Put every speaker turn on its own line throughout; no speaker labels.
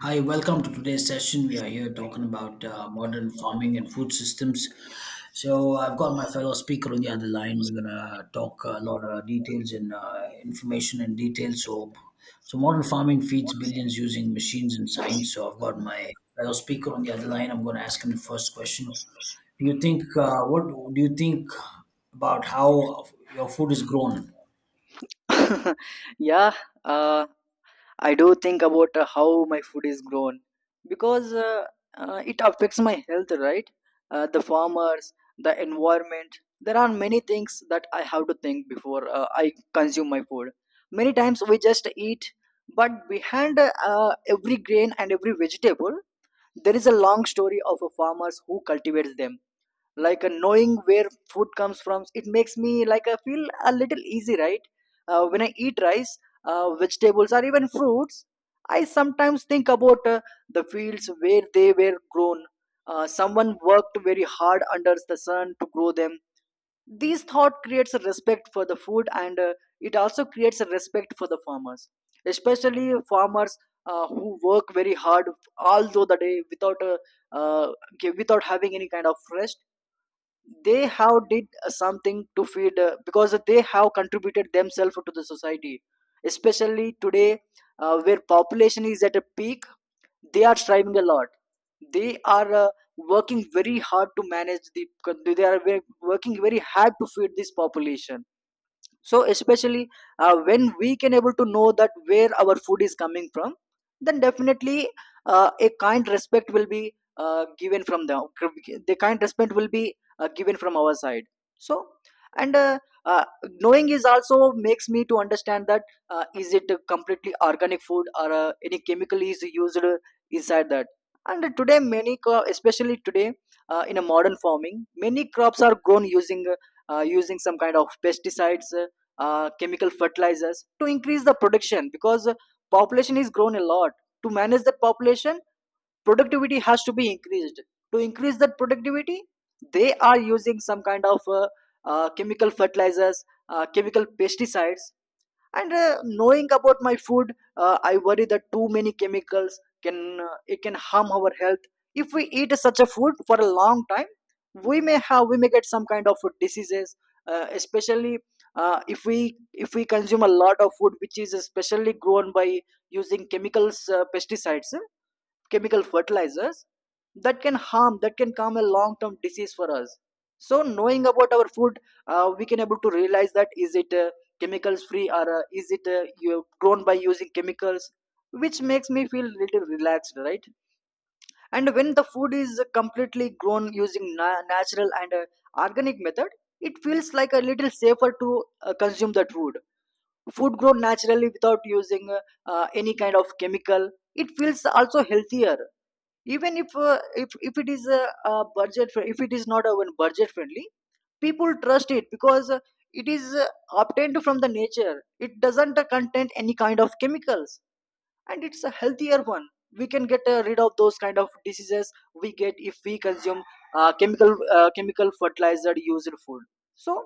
Hi, welcome to today's session. We are here talking about modern farming and food systems. So, I've got my fellow speaker on the other line. We're gonna talk a lot of details and information. So, modern farming feeds billions using machines and science. So, I've got my fellow speaker on the other line. I'm gonna ask him the first question. Do you think what do you think about how your food is grown?
Yeah, uh, I do think about how my food is grown because it affects my health, right? The farmers, the environment. There are many things that I have to think before I consume my food. Many times we just eat, but behind every grain and every vegetable, there is a long story of a farmers who cultivates them like knowing where food comes from it makes me like I feel a little easy, right. When I eat rice, vegetables or even fruits, I sometimes think about the fields where they were grown. Someone worked very hard under the sun to grow them. These thought creates a respect for the food, and it also creates a respect for the farmers, especially farmers who work very hard all through the day without uh, without having any kind of rest. They have did something to feed because they have contributed themselves to the society, especially today, where population is at a peak. They are striving a lot. They are Working very hard to manage the, they are working very hard to feed this population. So especially when we can able to know that where our food is coming from, then definitely a kind respect will be given from them, the kind respect will be given from our side. So and uh, uh, knowing is also makes me to understand that is it a completely organic food or any chemical is used inside that. And today many especially today, in a modern farming many crops are grown using using some kind of pesticides chemical fertilizers to increase the production because population is grown a lot. To manage that population, productivity has to be increased. To increase that productivity, they are using some kind of chemical fertilizers, chemical pesticides. And knowing about my food, I worry that too many chemicals can it can harm our health. If we eat such a food for a long time, we may get some kind of diseases, especially if we consume a lot of food which is especially grown by using chemicals, pesticides, chemical fertilizers, that can come a long term disease for us. So knowing about our food, we can able to realize that is it chemicals free or is it grown by using chemicals, which makes me feel little relaxed, right. And when the food is completely grown using natural and organic method, it feels like a little safer to consume that food. Food grown naturally without using any kind of chemical, it feels also healthier. Even if it is a budget fri- if it is not even budget friendly, people trust it because it is obtained from the nature, it doesn't contain any kind of chemicals, and it's a healthier one. We can get rid of those kind of diseases we get if we consume uh, chemical chemical fertilizer used food. So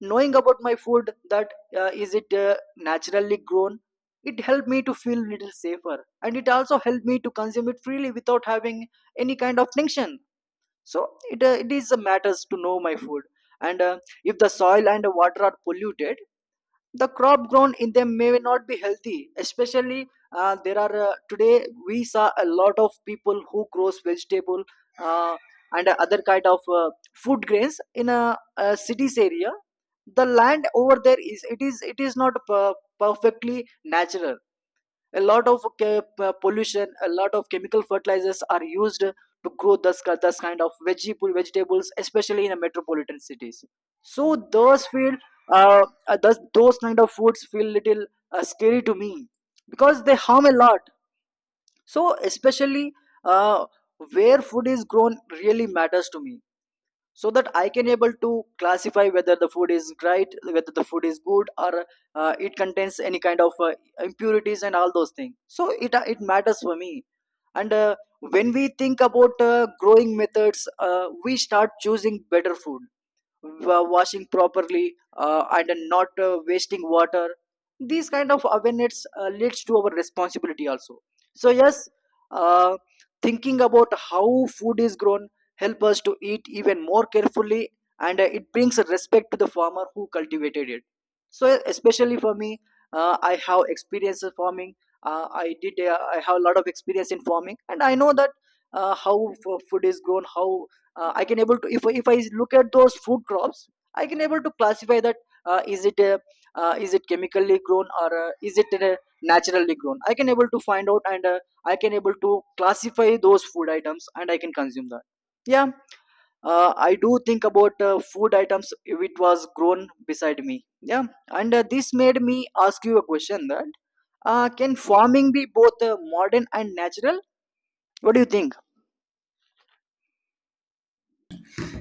knowing about my food that is it naturally grown, it helped me to feel little safer, and it also helped me to consume it freely without having any kind of tension. So it is a matters to know my food. And if the soil and the water are polluted, the crop grown in them may not be healthy, especially there are today we saw a lot of people who grows vegetable uh, and other kind of food grains in a cities area. The land over there is it is not perfectly natural. A lot of pollution, a lot of chemical fertilizers are used to grow this kind of vegetables, especially in a metropolitan cities. So those feel those kind of foods feel little scary to me because they harm a lot. So especially uh, where food is grown really matters to me, so that I can able to classify whether the food is right, whether the food is good, or it contains any kind of impurities and all those things. So it it matters for me. And when we think about growing methods, we start choosing better food, washing properly, and not wasting water. These kind of awareness leads to our responsibility also. So yes, uh, thinking about how food is grown help us to eat even more carefully, and it brings a respect to the farmer who cultivated it. So especially for me, I have experience in farming. Uh, I have a lot of experience in farming, and I know that how food is grown, how I can able to if I look at those food crops I can able to classify that uh, is it uh, uh, is it chemically grown or is it naturally grown, I can able to find out, and I can able to classify those food items and I can consume that. Yeah, I do think about food items if it was grown beside me, yeah. And this made me ask you a question that can farming be both modern and natural? What do you think?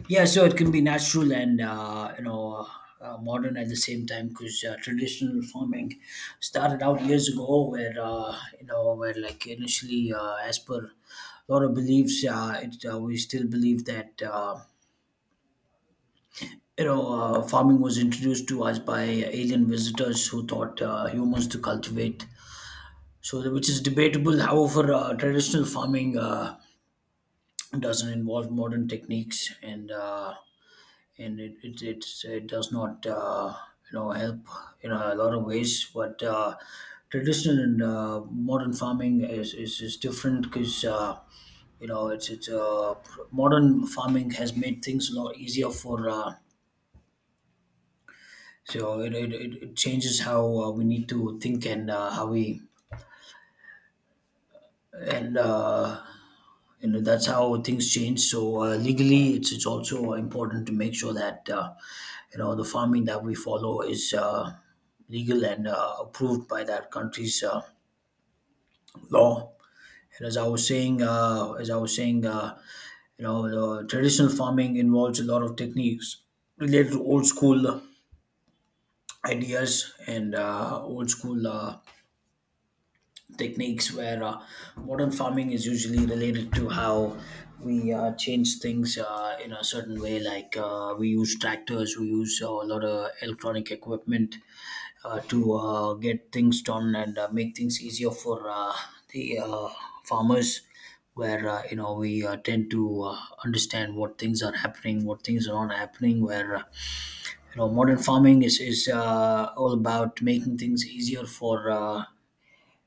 Yeah, so it can be natural and modern at the same time because traditional farming started out years ago where where like initially as per a lot of beliefs it we still believe that you know farming was introduced to us by alien visitors who taught humans to cultivate, so which is debatable. However, traditional farming doesn't involve modern techniques, and it does not help in a lot of ways. But traditional and modern farming is different. Because you know, it's modern farming has made things a lot easier for so it changes how we need to think, and how we — and that's how things change. So legally, it's also important to make sure that the farming that we follow is legal and approved by that country's law. And as I was saying as I was saying you know the traditional farming involves a lot of techniques related to old school ideas and old school techniques, where modern farming is usually related to how we change things in a certain way. Like we use tractors, we use a lot of electronic equipment to get things done and make things easier for the farmers, where we tend to understand what things are happening, what things are not happening, where modern farming is all about making things easier for uh,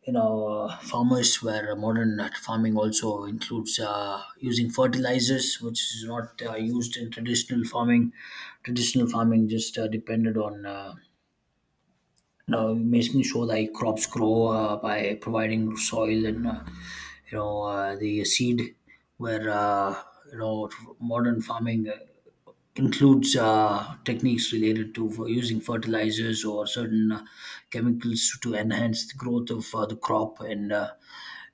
you know farmers, where modern farming also includes using fertilizers, which is not used in traditional farming. Traditional farming just depended on making sure that crops grow by providing soil and the seed, where you know modern farming includes techniques related to for using fertilizers or certain chemicals to enhance the growth of the crop,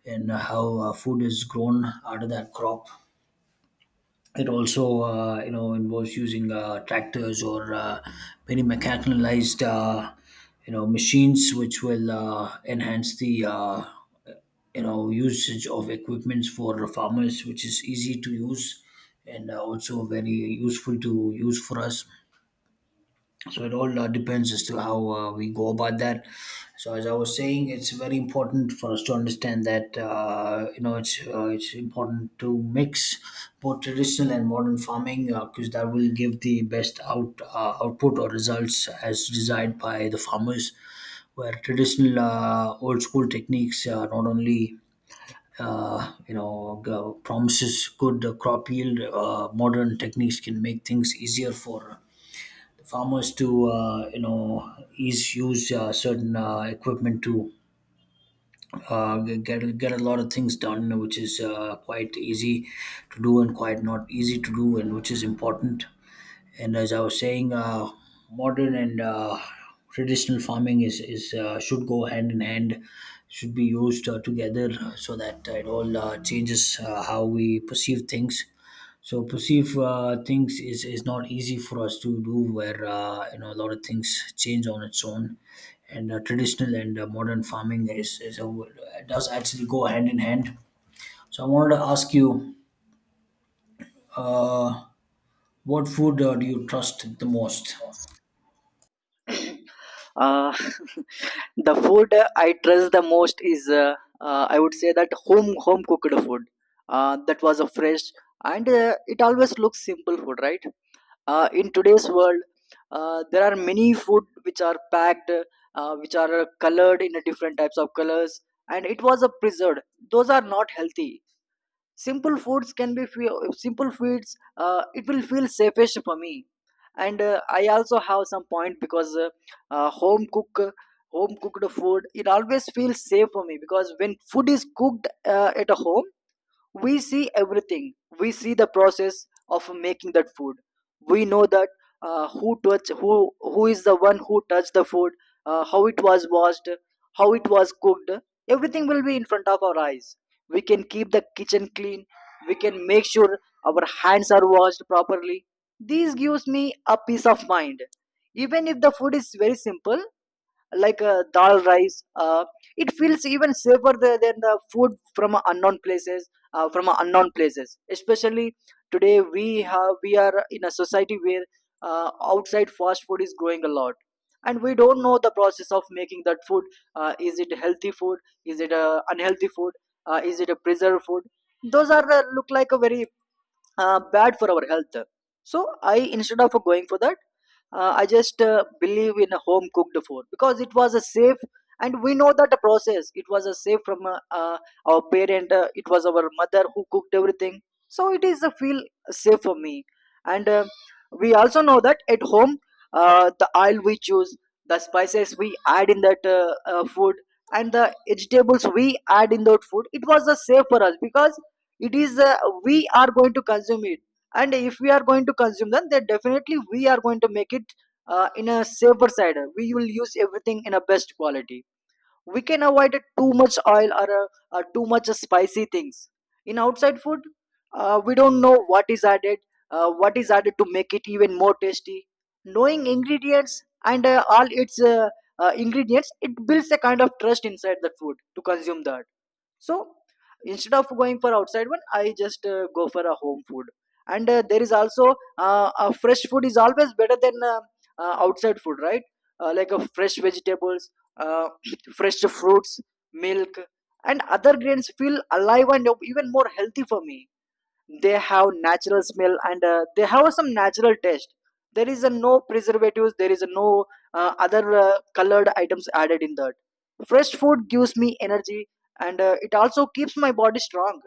and how food is grown out of that crop. It also, involves using tractors or many mechanized, machines, which will enhance the, usage of equipments for farmers, which is easy to use and also very useful to use for us. So it all depends as to how we go about that. So as I was saying, it's very important for us to understand that it's important to mix both traditional and modern farming, because that will give the best output or results as desired by the farmers, where traditional old school techniques not only promises good crop yield, modern techniques can make things easier for farmers to you know is use certain equipment to get a lot of things done, which is quite easy to do and quite not easy to do, and which is important. And as I was saying, modern and traditional farming is should go hand in hand, should be used together, so that it all changes how we perceive things. So perceive things is not easy for us to do, where a lot of things change on its own, and traditional and modern farming, does actually go hand in hand. So I wanted to ask you, what food do you trust the most?
uh, The food I trust the most is, I would say that home cooked food. That was a fresh and it always looks simple food, right? In today's world, there are many food which are packed, which are colored in a different types of colors, and it was a preserved. Those are not healthy. Simple foods can be few simple foods it will feel safest for me. And I also have some point because uh, home cook home cooked food it always feels safe for me because when food is cooked at a home, we see everything. We see the process of making that food. We know that uh, who is the one who touched the food, how it was washed, how it was cooked. Everything will be in front of our eyes. We can keep the kitchen clean. We can make sure our hands are washed properly. This gives me a peace of mind. Even if the food is very simple, like dal rice. It feels even safer than the food from unknown places. From unknown places, especially today, we are in a society where outside fast food is growing a lot, and we don't know the process of making that food. Is it healthy food? Is it unhealthy food? Is it a preserved food? Those are look like a very bad for our health. So I instead of going for that, I just believe in a home cooked food because it was a safe, and we know that the process it was a safe from our parent, it was our mother who cooked everything. So it is a feel safe for me. And we also know that at home the oil we choose, the spices we add in that food, and the vegetables we add in that food it was a safe for us, because it is we are going to consume it. And if we are going to consume them, then definitely we are going to make it in a safer side. We will use everything in a best quality. We can avoid too much oil or too much spicy things. In outside food, we don't know what is added, what is added to make it even more tasty. Knowing ingredients and all its ingredients it builds a kind of trust inside the food to consume that. So instead of going for outside one I just go for a home food. And there is also a fresh food is always better than outside food, right. Like a fresh vegetables, uh, fresh fruits, milk, and other grains feel alive and even more healthy for me. They have natural smell, and they have some natural taste. There is a no preservatives, there is a no other colored items added in that. Fresh food gives me energy, and it also keeps my body strong.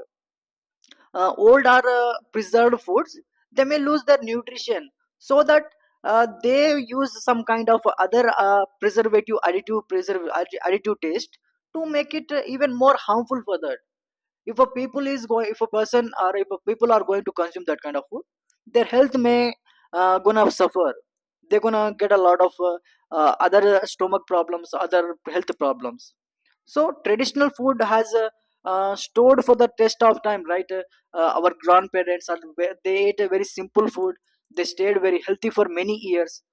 Old or preserved foods, they may lose their nutrition. So that they use some kind of other preservative additive preserve additive taste to make it even more harmful for that. If a people is going if a person or if a people are going to consume that kind of food, their health may gonna suffer. They're gonna get a lot of other stomach problems, other health problems. So traditional food has stored for the test of time, right. Our grandparents are they ate a very simple food. They stayed very healthy for many years.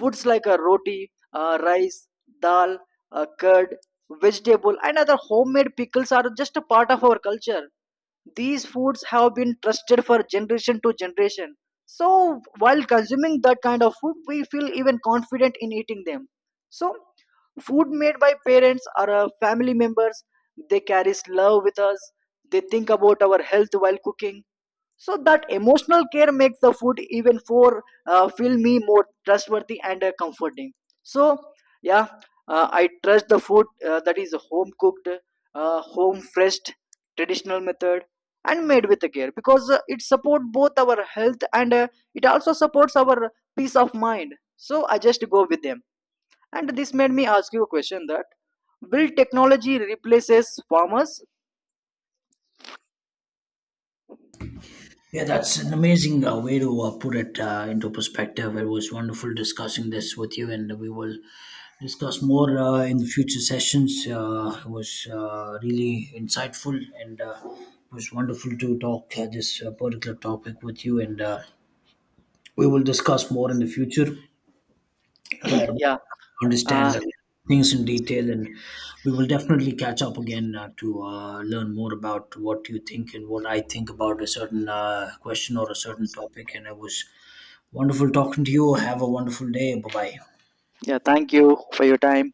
Foods like a roti, rice, dal, curd, vegetable, and other homemade pickles are just a part of our culture. These foods have been trusted for generation to generation. So, while consuming that kind of food, we feel even confident in eating them. So, food made by parents or family members, they carries love with us. They think about our health while cooking. So that emotional care makes the food even for feel me more trustworthy and comforting. So yeah, I trust the food that is home cooked, home fresh, traditional method, and made with care because it support both our health and it also supports our peace of mind. So I just go with them. And this made me ask you a question that will technology replaces farmers?
Yeah, that's an amazing way to put it into perspective. It was wonderful discussing this with you, and we will discuss more in the future sessions. It was really insightful, and it was wonderful to talk this particular topic with you, and we will discuss more in the future where we
Yeah. uh,
understand things in detail, and we will definitely catch up again to learn more about what you think and what I think about a certain question or a certain topic. And it was wonderful talking to you. Have a wonderful day. Bye bye.
yeah, thank you for your time.